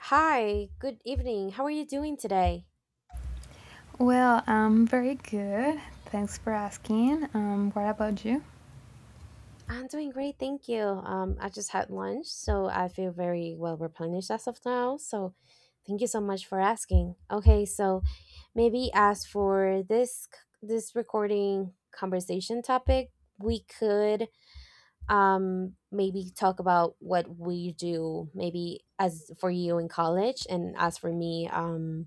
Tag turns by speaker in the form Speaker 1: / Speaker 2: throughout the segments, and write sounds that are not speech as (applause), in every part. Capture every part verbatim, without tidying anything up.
Speaker 1: Hi, good evening. How are you doing today?
Speaker 2: Well, I'm very good. Thanks for asking. Um, what about you?
Speaker 1: I'm doing great, thank you. Um, I just had lunch, so I feel very well replenished as of now. So, thank you so much for asking. Okay, so maybe as for this c- this recording conversation topic, we could um maybe talk about what we do, maybe as for you in college and as for me um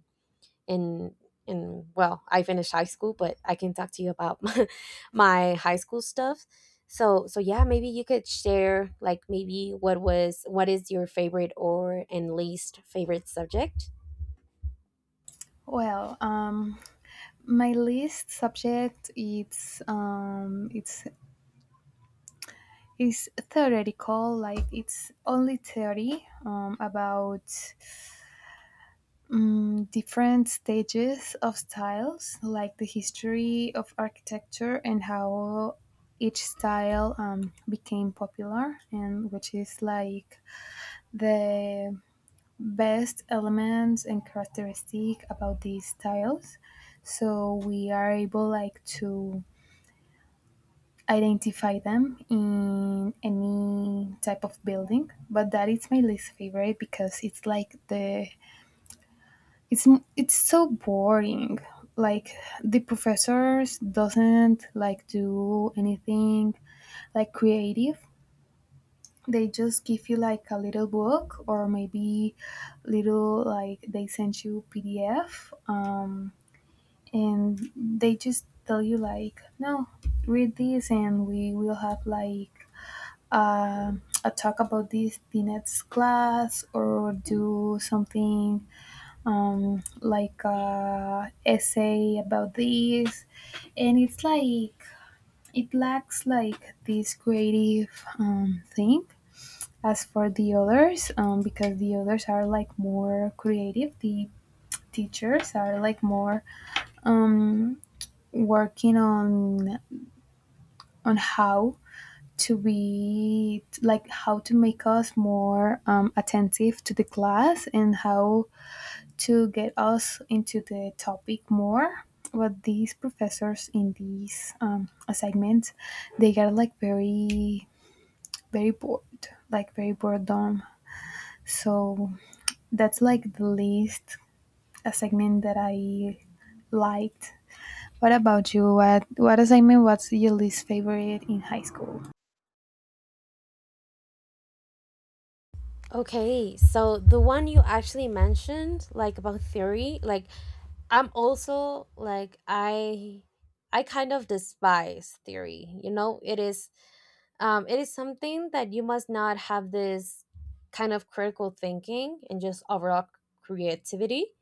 Speaker 1: in in well, I finished high school, but I can talk to you about (laughs) my, my high school stuff. So so yeah, maybe you could share, like maybe what was what is your favorite or and least favorite subject?
Speaker 2: Well, um, my least subject it's um, it's is theoretical, like it's only theory um, about um, different stages of styles, like the history of architecture and how each style um, became popular, and which is like the best elements and characteristic about these styles, so we are able like to identify them in any type of building. But that is my least favorite because it's like the it's it's so boring. Like the professors doesn't like do anything like creative. They just give you like a little book, or maybe little, like they send you pdf um, And they just tell you like, no, read this and we will have like uh, a talk about this the next class, or do something um, like a essay about this. And it's like it lacks like this creative um, thing. As for the others, um, because the others are like more creative, the teachers are like more um, working on on how to be like how to make us more um, attentive to the class and how to get us into the topic more. But these professors in these um, assignments, they are like very very bored, like very boredom. So that's like the least a segment that I liked. What about you? What what assignment was your least favorite in high school?
Speaker 1: Okay, so the one you actually mentioned, like about theory, like I'm also like I I kind of despise theory. You know, it is um it is something that you must not have this kind of critical thinking and just overall creativity.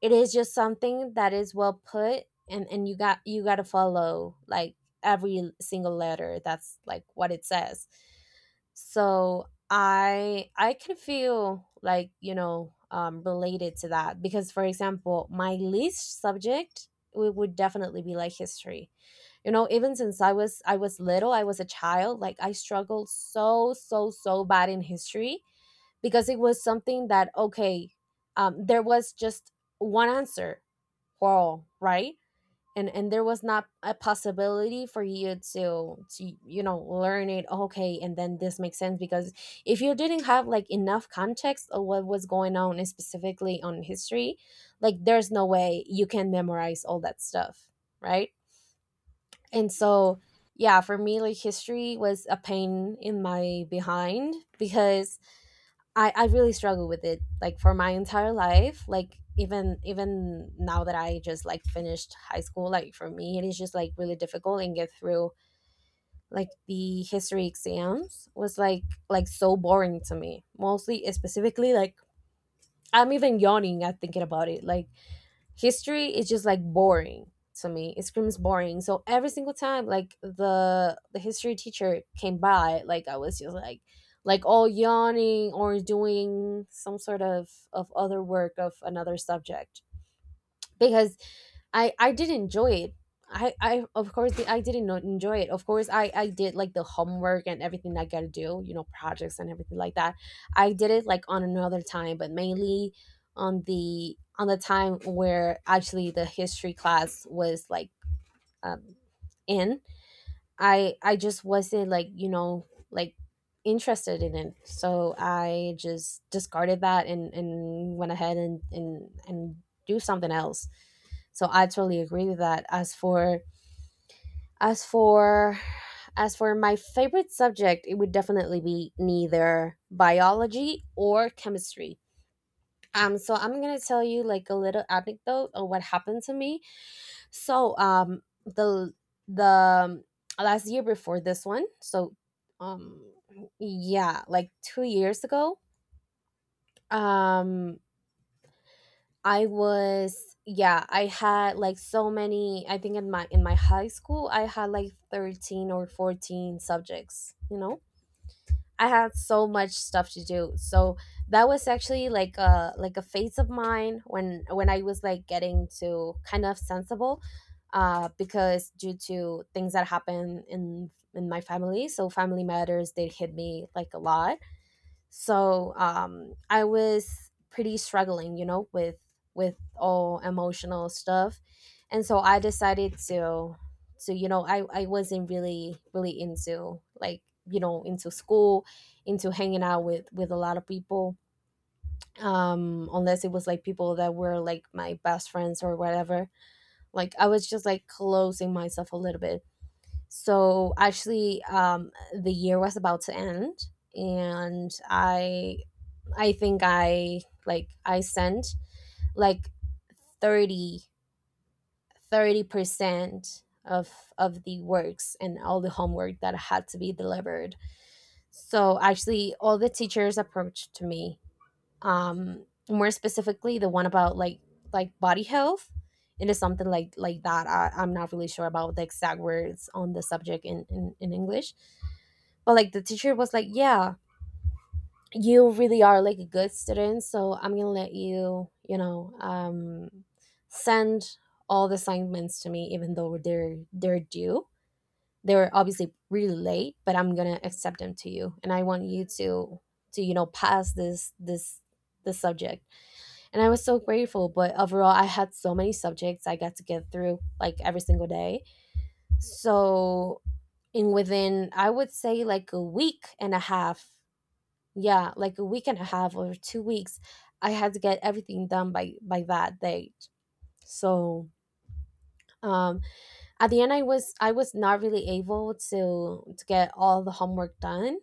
Speaker 1: It is just something that is well put, and and you got you got to follow like every single letter that's like what it says. So i i can feel like, you know, um related to that, because for example my least subject, it would definitely be like history. You know, even since i was I was little, I was a child, like I struggled so so so bad in history, because it was something that, okay, um there was just one answer for all, right? And and there was not a possibility for you to to you know, learn it, okay? And then this makes sense, because if you didn't have like enough context of what was going on specifically on history, like there's no way you can memorize all that stuff, right? And so yeah, for me like history was a pain in my behind, because I, I really struggle with it like for my entire life, like even even now that I just like finished high school, like for me it is just like really difficult and get through. Like the history exams was like like so boring to me, mostly specifically like, I'm even yawning at thinking about it. Like history is just like boring to me, it screams boring. So every single time like the the history teacher came by, like I was just like like all yawning or doing some sort of of other work of another subject, because I I did enjoy it. I I of course the, I didn't not enjoy it. Of course I I did like the homework and everything I gotta do, you know, projects and everything like that. I did it like on another time, but mainly on the on the time where actually the history class was like um, in. I I just wasn't like, you know, like interested in it. So I just discarded that and and went ahead and and and do something else. So I totally agree with that. As for as for as for my favorite subject, it would definitely be neither biology or chemistry. Um so I'm going to tell you like a little anecdote of what happened to me. So um the the um, last year before this one, so um yeah, like two years ago, um I was, yeah, I had like so many, I think in my in my high school I had like thirteen or fourteen subjects, you know? I had so much stuff to do. So that was actually like a like a phase of mine when when I was like getting to kind of sensible, uh because due to things that happened in in my family, so family matters, they hit me like a lot. So um I was pretty struggling, you know, with with all emotional stuff. And so I decided to to you know, i i wasn't really really into like, you know, into school, into hanging out with with a lot of people, um unless it was like people that were like my best friends or whatever. Like I was just like closing myself a little bit. So actually, um the year was about to end, and i I think I like I sent like thirty thirty percent of of the works and all the homework that had to be delivered. So actually all the teachers approached to me. Um more specifically the one about like like body health. It is something like like that. I, I'm not really sure about the exact words on the subject in, in, in English, but like the teacher was like, yeah, you really are like a good student, so I'm gonna let you, you know, um send all the assignments to me, even though they're they're due, they're obviously really late, but I'm gonna accept them to you, and I want you to to you know, pass this this the subject. And I was so grateful, but overall I had so many subjects I got to get through like every single day. So in, within I would say like a week and a half, yeah, like a week and a half or two weeks, I had to get everything done by by that date. So um at the end, i was I was not really able to to get all the homework done,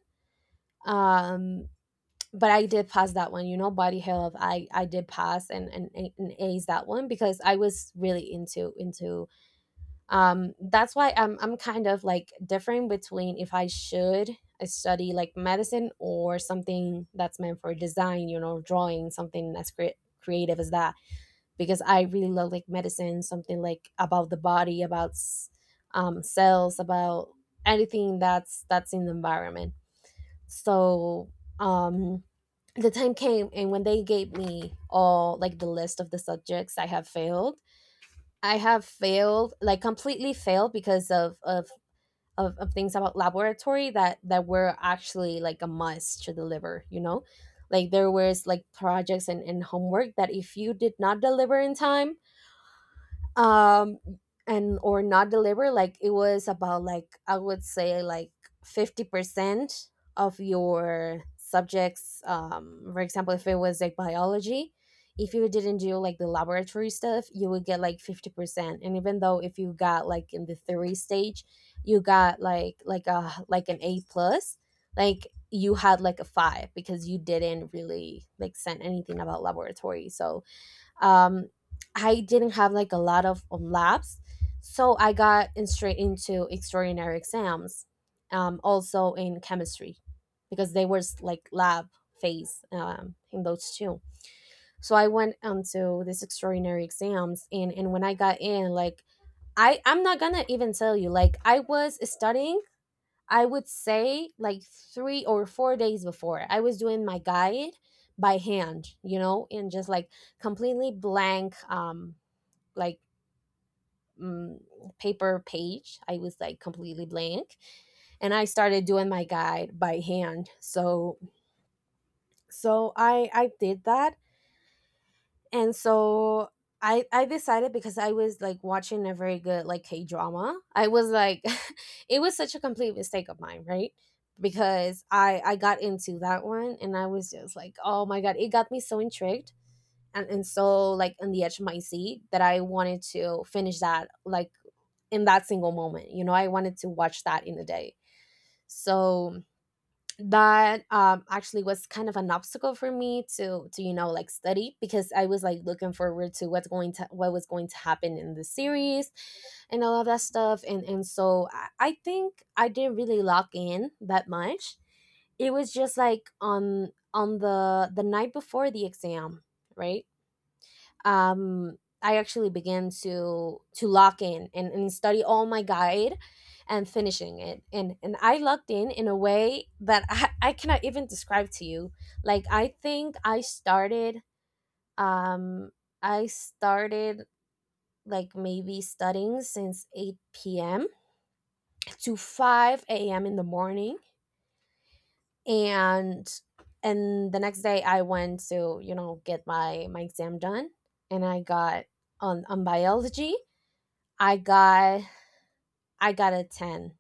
Speaker 1: um but I did pass that one, you know, body health. I i did pass and and, and ace that one, because I was really into into um that's why i'm i'm kind of like differing between if I should uh, study like medicine or something that's meant for design, you know, drawing, something as cre- creative as that, because I really love like medicine, something like about the body, about s- um cells, about anything that's that's in the environment. So um the time came, and when they gave me all like the list of the subjects I have failed, I have failed, like completely failed because of of of, of things about laboratory that that were actually like a must to deliver, you know? Like there was like projects and, and homework that if you did not deliver in time, um and or not deliver. Like it was about, like I would say like fifty percent of your subjects, um for example if it was like biology, if you didn't do like the laboratory stuff, you would get like fifty percent, and even though if you got like in the theory stage, you got like like a like an A plus, like you had like a five, because you didn't really like send anything about laboratory. So um, I didn't have like a lot of um, labs, so I got in straight into extraordinary exams, um, also in chemistry, because they were s- like lab phase um, in those two. So I went onto this extraordinary exams, and and when I got in, like, I I'm not gonna even tell you, like I was studying, I would say like three or four days before, I was doing my guide by hand, you know, in just like completely blank, um, like mm, paper page. I was like completely blank, and I started doing my guide by hand. So, so I I did that. And so i i decided, because I was like watching a very good like k drama I was like, (laughs) it was such a complete mistake of mine, right? Because i i got into that one, and I was just like, oh my god, it got me so intrigued, and, and so like on the edge of my seat, that I wanted to finish that like in that single moment. You know, I wanted to watch that in a day. So that um actually was kind of an obstacle for me to to you know, like study, because I was like looking forward to what's going to what was going to happen in the series and all of that stuff. And and so I, I think I didn't really lock in that much. It was just like on on the the night before the exam, right? um, I actually began to to lock in and, and study all my guide and finishing it. And and I locked in in a way that I, (laughs) I cannot even describe to you. Like I think I started um I started like maybe studying since eight p m to five a m in the morning. and and the next day I went to, you know, get my my exam done. And I got on on biology, I got I got a ten.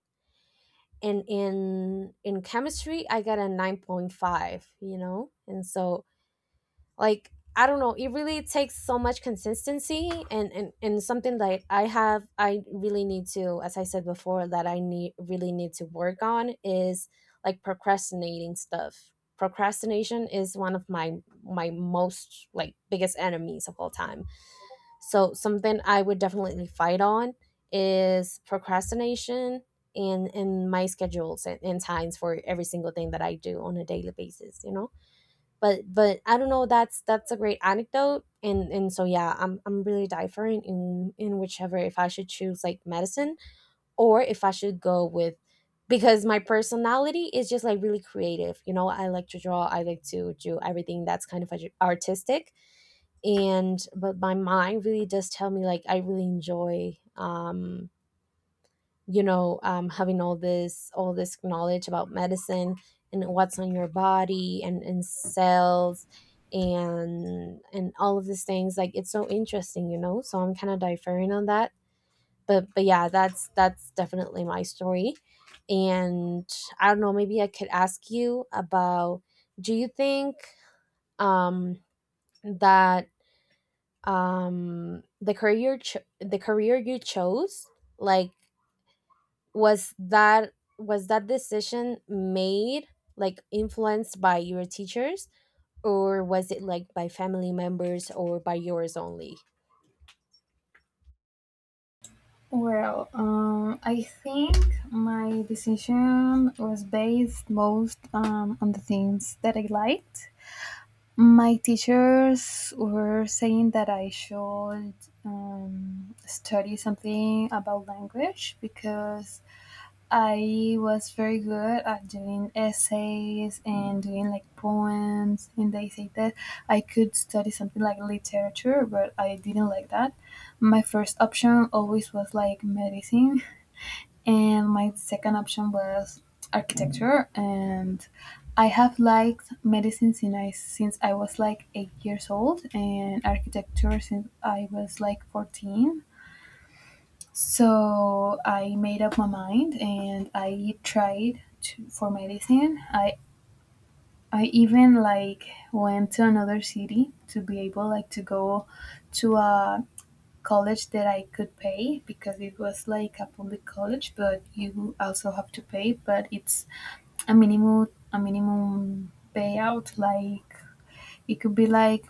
Speaker 1: And in in chemistry, I got a nine point five, you know? And so like, I don't know, it really takes so much consistency, and and and something that I have, I really need to as I said before, that I need really need to work on is like procrastinating stuff. Procrastination is one of my my most like biggest enemies of all time, so something I would definitely fight on is procrastination, and in my schedules and, and times for every single thing that I do on a daily basis, you know? But but I don't know, that's that's a great anecdote. And and so yeah, I'm I'm really different in in whichever, if I should choose like medicine or if I should go with, because my personality is just like really creative. You know, I like to draw, I like to do everything that's kind of artistic. And but my mind really does tell me like I really enjoy, um you know, um having all this all this knowledge about medicine and what's on your body and and cells and and all of these things, like it's so interesting, you know? So I'm kind of differing on that. But but yeah, that's that's definitely my story. And I don't know, maybe I could ask you about, do you think um that um the career cho- the career you chose, like was that, was that decision made like influenced by your teachers, or was it like by family members or by yours only?
Speaker 2: Well, um, I think my decision was based most um, on the things that I liked. My teachers were saying that I should um, study something about language because I was very good at doing essays and doing like poems, and they said that I could study something like literature, but I didn't like that. My first option always was like medicine, (laughs) and my second option was architecture. And i have liked medicine since i, since I was like eight years old, and architecture since I was like fourteen. So I made up my mind and I tried to, for medicine I I even like went to another city to be able like to go to a college that I could pay, because it was like a public college, but you also have to pay. But it's a minimum a minimum payout. Like it could be like,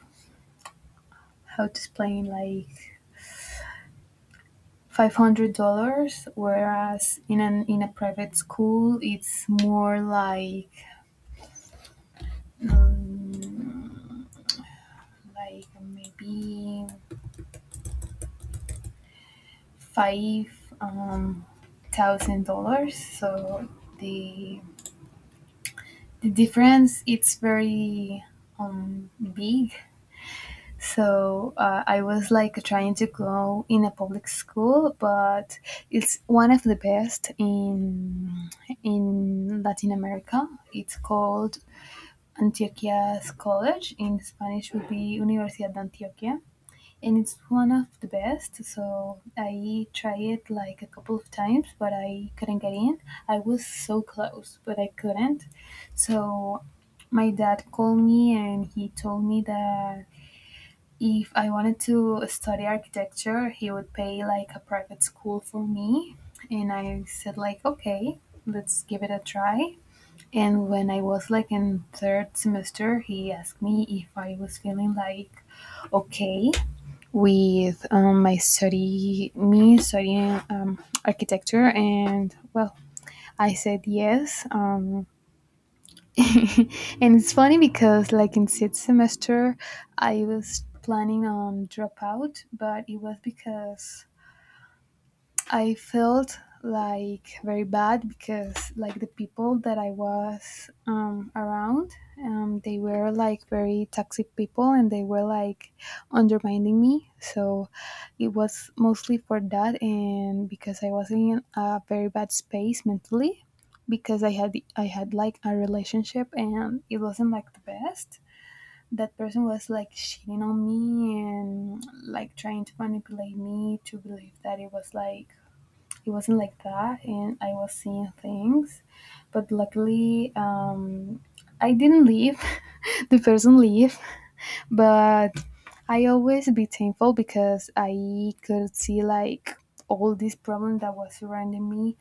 Speaker 2: how to explain, like five hundred dollars, whereas in an in a private school it's more like um, like maybe five um, thousand dollars. So the the difference it's very um, big. So uh, I was like trying to go in a public school, but it's one of the best in in Latin America. It's called Antioquia's College. In Spanish, would be Universidad de Antioquia, and it's one of the best. So I tried it like a couple of times, but I couldn't get in. I was so close, but I couldn't. So my dad called me and he told me that if I wanted to study architecture, he would pay like a private school for me. And I said like, okay, let's give it a try. And when I was like in third semester, he asked me if I was feeling like okay with um, my study, me studying um, architecture, and well, I said yes. Um, (laughs) and it's funny because, like, in sixth semester, I was planning on drop out, but it was because I felt like very bad because like the people that I was um, around, um, they were like very toxic people and they were like undermining me. So it was mostly for that, and because I was in a very bad space mentally because I had I had like a relationship and it wasn't like the best. That person was like cheating on me and like trying to manipulate me to believe that it was like it wasn't like that and I was seeing things. But luckily um, I didn't leave (laughs) the person leave. But I always be thankful because I could see like all this problem that was surrounding me.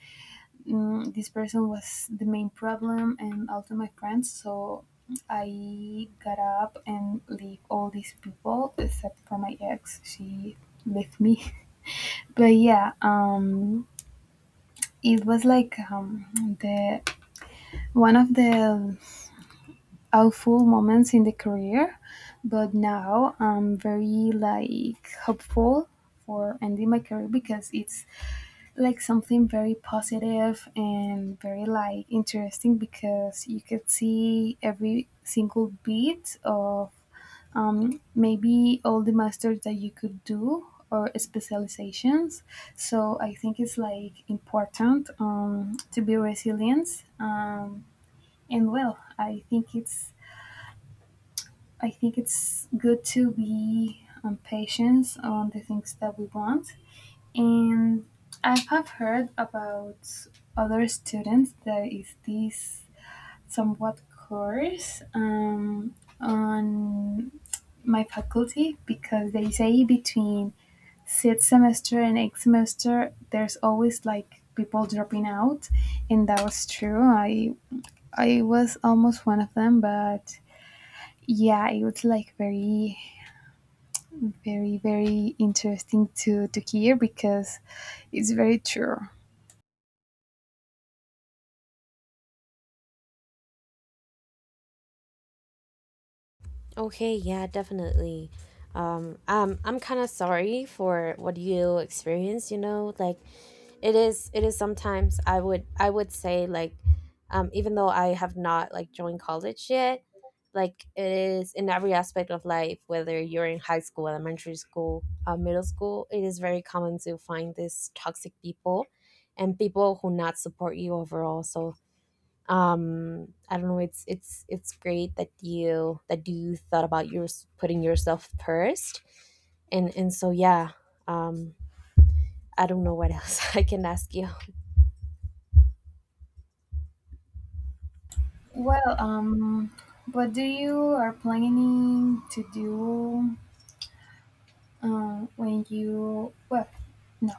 Speaker 2: mm, This person was the main problem, and also my friends. So I got up and leave all these people except for my ex. She left me. (laughs) But yeah, um it was like um, the one of the awful moments in the career, but now I'm very like hopeful for ending my career because it's like something very positive and very like interesting, because you could see every single bit of um, maybe all the masters that you could do or specializations. So I think it's like important um, to be resilient. Um, and well, I think it's I think it's good to be um, patient on the things that we want. And I have heard about other students that is this somewhat course um, on my faculty, because they say between sixth semester and eighth semester there's always like people dropping out. And that was true. I i was almost one of them, but yeah, it was like very very very interesting to to hear, because it's very true.
Speaker 1: Okay, yeah, definitely. um um, I'm kind of sorry for what you experienced, you know, like it is, it is sometimes, I would, i would say like, um even though I have not like joined college yet, like it is in every aspect of life, whether you're in high school, elementary school, uh, middle school, it is very common to find these toxic people and people who not support you overall. So um I don't know, it's it's it's great that you that you thought about yours, putting yourself first. and and so yeah. um I don't know what else (laughs) I can ask you.
Speaker 2: Well um what do you are planning to do um, when you, well, no,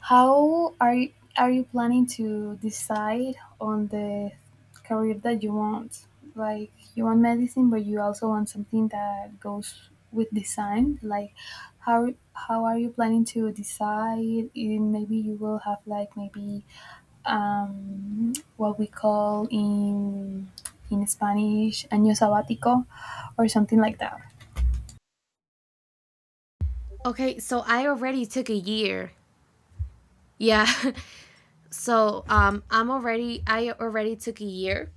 Speaker 2: how are you, are you planning to decide on the career that you want? Like you want medicine, but you also want something that goes with design. Like how how are you planning to decide in, maybe you will have like maybe um, what we call in in spanish año sabático or something like that?
Speaker 1: Okay, so I already took a year. Yeah. (laughs) So um I'm already, I already took a year.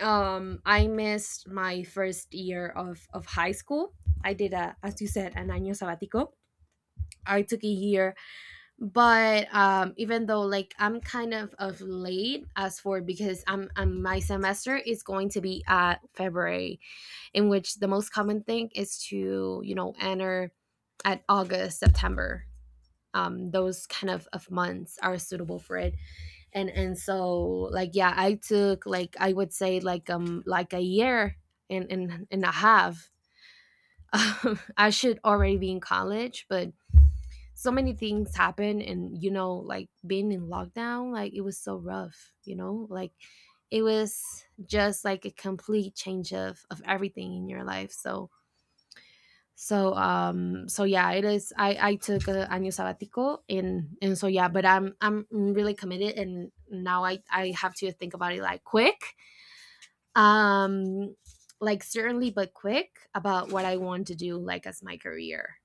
Speaker 1: um I missed my first year of of high school. I did, a as you said, an año sabático. I took a year, but um even though like I'm kind of of late as for, because I'm, I'm my semester is going to be at February, in which the most common thing is to, you know, enter at August, September. Um, those kind of, of months are suitable for it. and and so like yeah, I took like, I would say like, um like a year and and, and a half. (laughs) um, I should already be in college, but so many things happened, and you know, like being in lockdown, like it was so rough, you know, like it was just like a complete change of of everything in your life. So so um so yeah, it is, i i took a annual sabbatical. and and so yeah, but i'm i'm really committed, and now i i have to think about it like quick, um like certainly but quick about what I want to do, like as my career.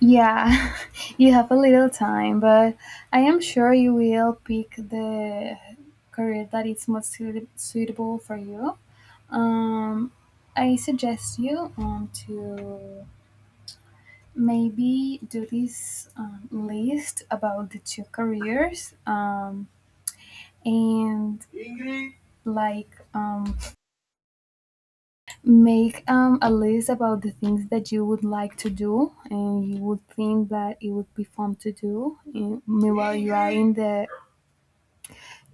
Speaker 2: Yeah, (laughs) you have a little time, but I am sure you will pick the career that is most suit- suitable for you. Um, I suggest you um, to maybe do this um, list about the two careers um, and like um, make um, a list about the things that you would like to do and you would think that it would be fun to do. And meanwhile, you are in the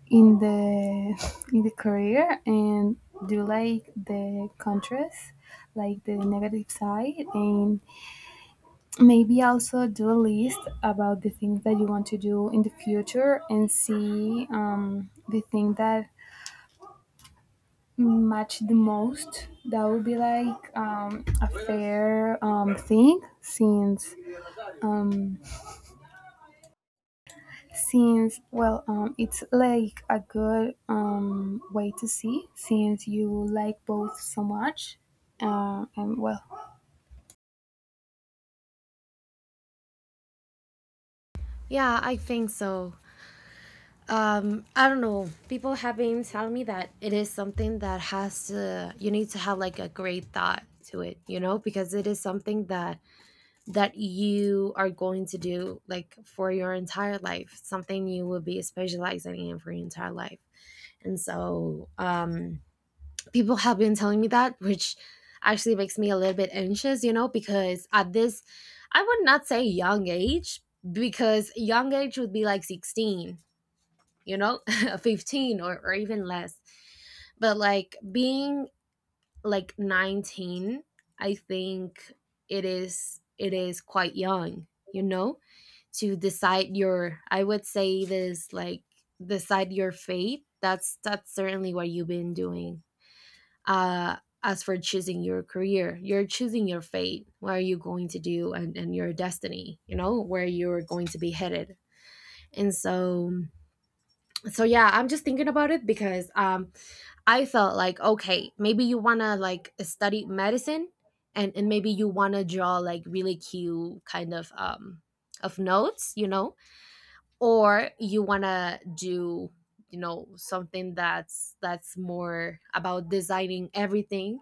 Speaker 2: in the (laughs) in the career, and do like the contrast, like the negative side, and maybe also do a list about the things that you want to do in the future and see um, the thing that match the most. That would be like um, a fair um, thing, since um, since, well, um, it's like a good um, way to see, since you like both so much. Uh, and well,
Speaker 1: Yeah, I think so. um I don't know, people have been telling me that it is something that has to, you need to have like a great thought to it, you know, because it is something that that you are going to do like for your entire life, something you will be specializing in for your entire life. And so um people have been telling me that, which actually makes me a little bit anxious, you know, because at this, I would not say young age, because young age would be like sixteen, you know, (laughs) fifteen or, or even less, but like being like nineteen, I think it is, it is quite young, you know, to decide your, I would say this like, decide your fate, that's that's certainly what you've been doing. Uh, as for choosing your career, you're choosing your fate, what are you going to do, and, and your destiny, you know, where you're going to be headed. And so so yeah, I'm just thinking about it, because um I felt like, okay, maybe you want to like study medicine, and and maybe you want to draw like really cute kind of um of notes, you know, or you want to do, you know, something that's that's more about designing everything,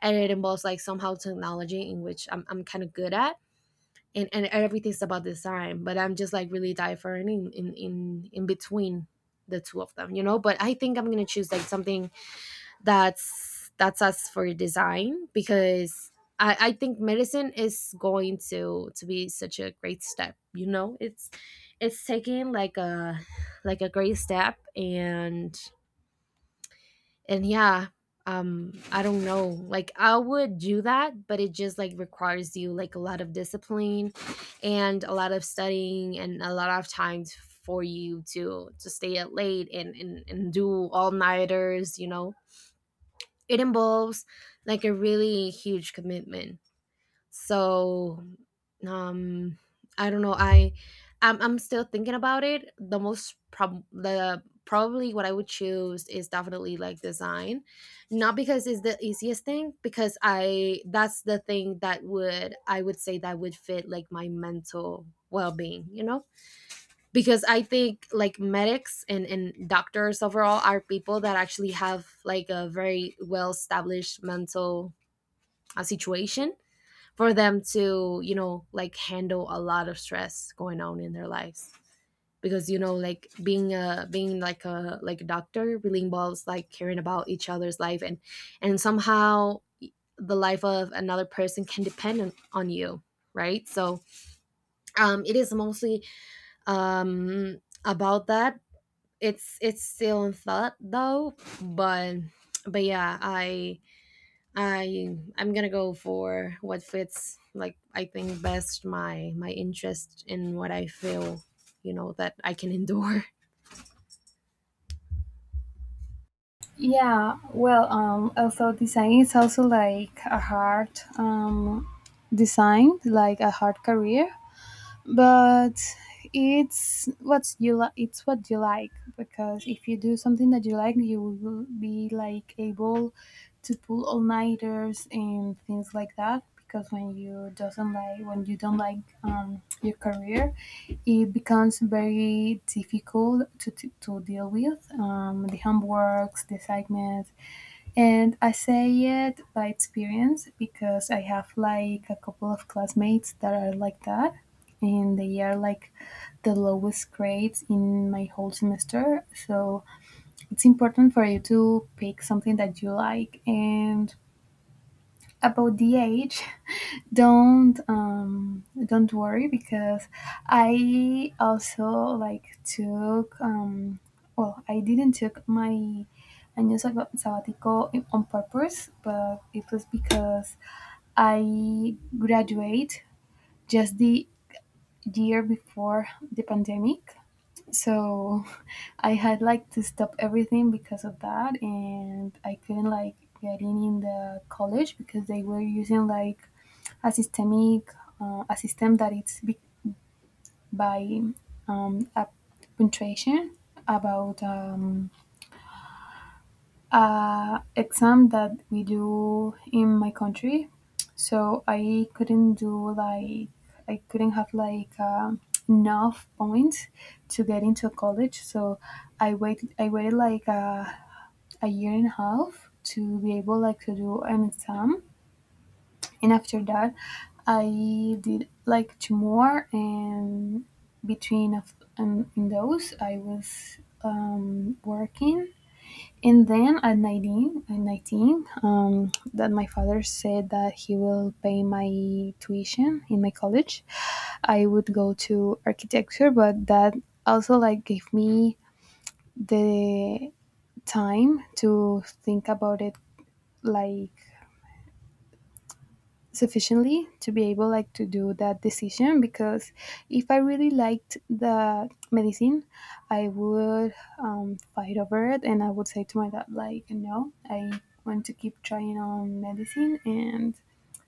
Speaker 1: and it involves like somehow technology, in which i'm, I'm kind of good at, and, and everything's about design. But I'm just like really different in, in in in between the two of them, you know. But I think I'm gonna choose like something that's that's us for design, because I, I think medicine is going to to be such a great step, you know, it's it's taking like a like a great step. and and yeah, um I don't know, like I would do that, but it just like requires you like a lot of discipline, and a lot of studying, and a lot of time for you to to stay up late, and and, and do all nighters, you know, it involves like a really huge commitment. So um I don't know. I I'm I'm still thinking about it. The most prob the probably what I would choose is definitely like design. Not because it's the easiest thing, because I that's the thing that would, I would say that would fit like my mental well being, you know? Because I think like medics and, and doctors overall are people that actually have like a very well established mental uh, situation for them to, you know, like handle a lot of stress going on in their lives, because you know, like being a, being like a like a doctor really involves like caring about each other's life, and and somehow the life of another person can depend on, on you, right? So um it is mostly um about that. it's it's still in thought though, but but yeah, i i i'm gonna go for what fits like I think best my my interest in what I feel, you know, that I can endure. (laughs)
Speaker 2: yeah, well, um, also design is also like a hard um, design, like a hard career. But it's what's you li- it's what you like, because if you do something that you like, you will be like able to pull all nighters and things like that. Because when you doesn't like, when you don't like um, your career, it becomes very difficult to, to, to deal with um, the homeworks, the assignments. And I say it by experience, because I have like a couple of classmates that are like that, and they are like the lowest grades in my whole semester. So it's important for you to pick something that you like. And about the age, don't um, don't worry, because I also like took um, well I didn't took my año sab- sabbatical in- on purpose, but it was because I graduate just the year before the pandemic. So I had like to stop everything because of that, and I couldn't like getting in the college, because they were using like a systemic, uh, a system that it's be- by um, a punctuation about um, a exam that we do in my country. So I couldn't do like I couldn't have like um enough points to get into college. So I wait I waited like a, a year and a half to be able like to do an exam, and after that I did like two more. And between of um, in those I was um, working. And then at nineteen at nineteen, um, that my father said that he will pay my tuition in my college, I would go to architecture. But that also like gave me the time to think about it, like sufficiently to be able like to do that decision, because if I really liked the medicine, I would um, fight over it and I would say to my dad, like, no, I want to keep trying on medicine. and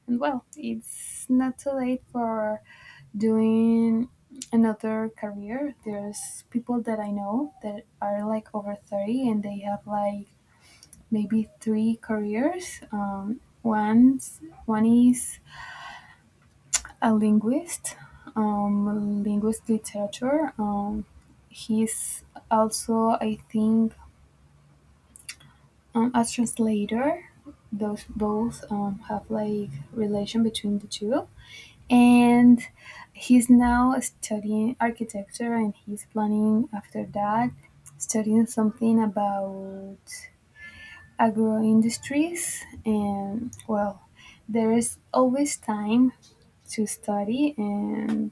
Speaker 2: and well, it's not too late for doing another career. There's people that I know that are like over thirty, and they have like maybe three careers. Um, one's one is a linguist, um, linguist literature. Um, he's also, I think, um, a translator. Those both um, have like relation between the two, and he's now studying architecture, and he's planning after that studying something about agro industries. And well, there is always time to study. And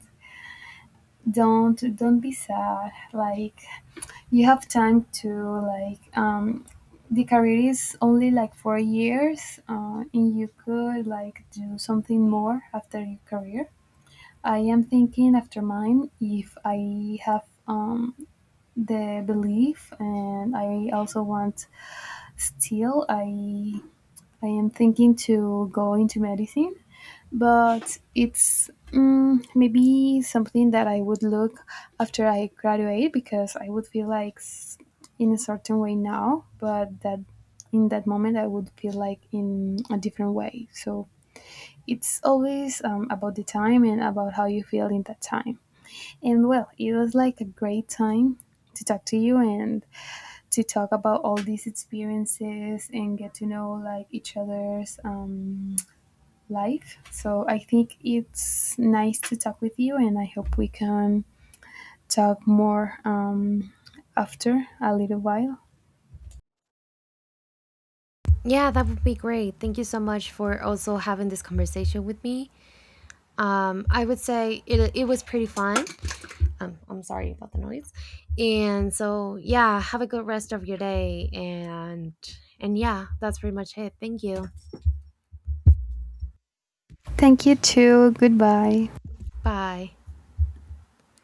Speaker 2: Don't don't be sad. Like, you have time to like um the career is only like four years, uh, and you could like do something more after your career. I am thinking after mine, if I have um the belief, and I also want, still I I am thinking to go into medicine, but it's mm, maybe something that I would look after I graduate, because I would feel like s- in a certain way now, but that in that moment I would feel like in a different way. So it's always um, about the time and about how you feel in that time. And well, it was like a great time to talk to you and to talk about all these experiences and get to know like each other's um, life. So I think it's nice to talk with you, and I hope we can talk more um, after a little while.
Speaker 1: Yeah, that would be great. Thank you so much for also having this conversation with me. Um, I would say it, it was pretty fun. Um, I'm sorry about the noise. And so yeah, have a good rest of your day. And and yeah, that's pretty much it. Thank you.
Speaker 2: Thank you, too. Goodbye.
Speaker 1: Bye.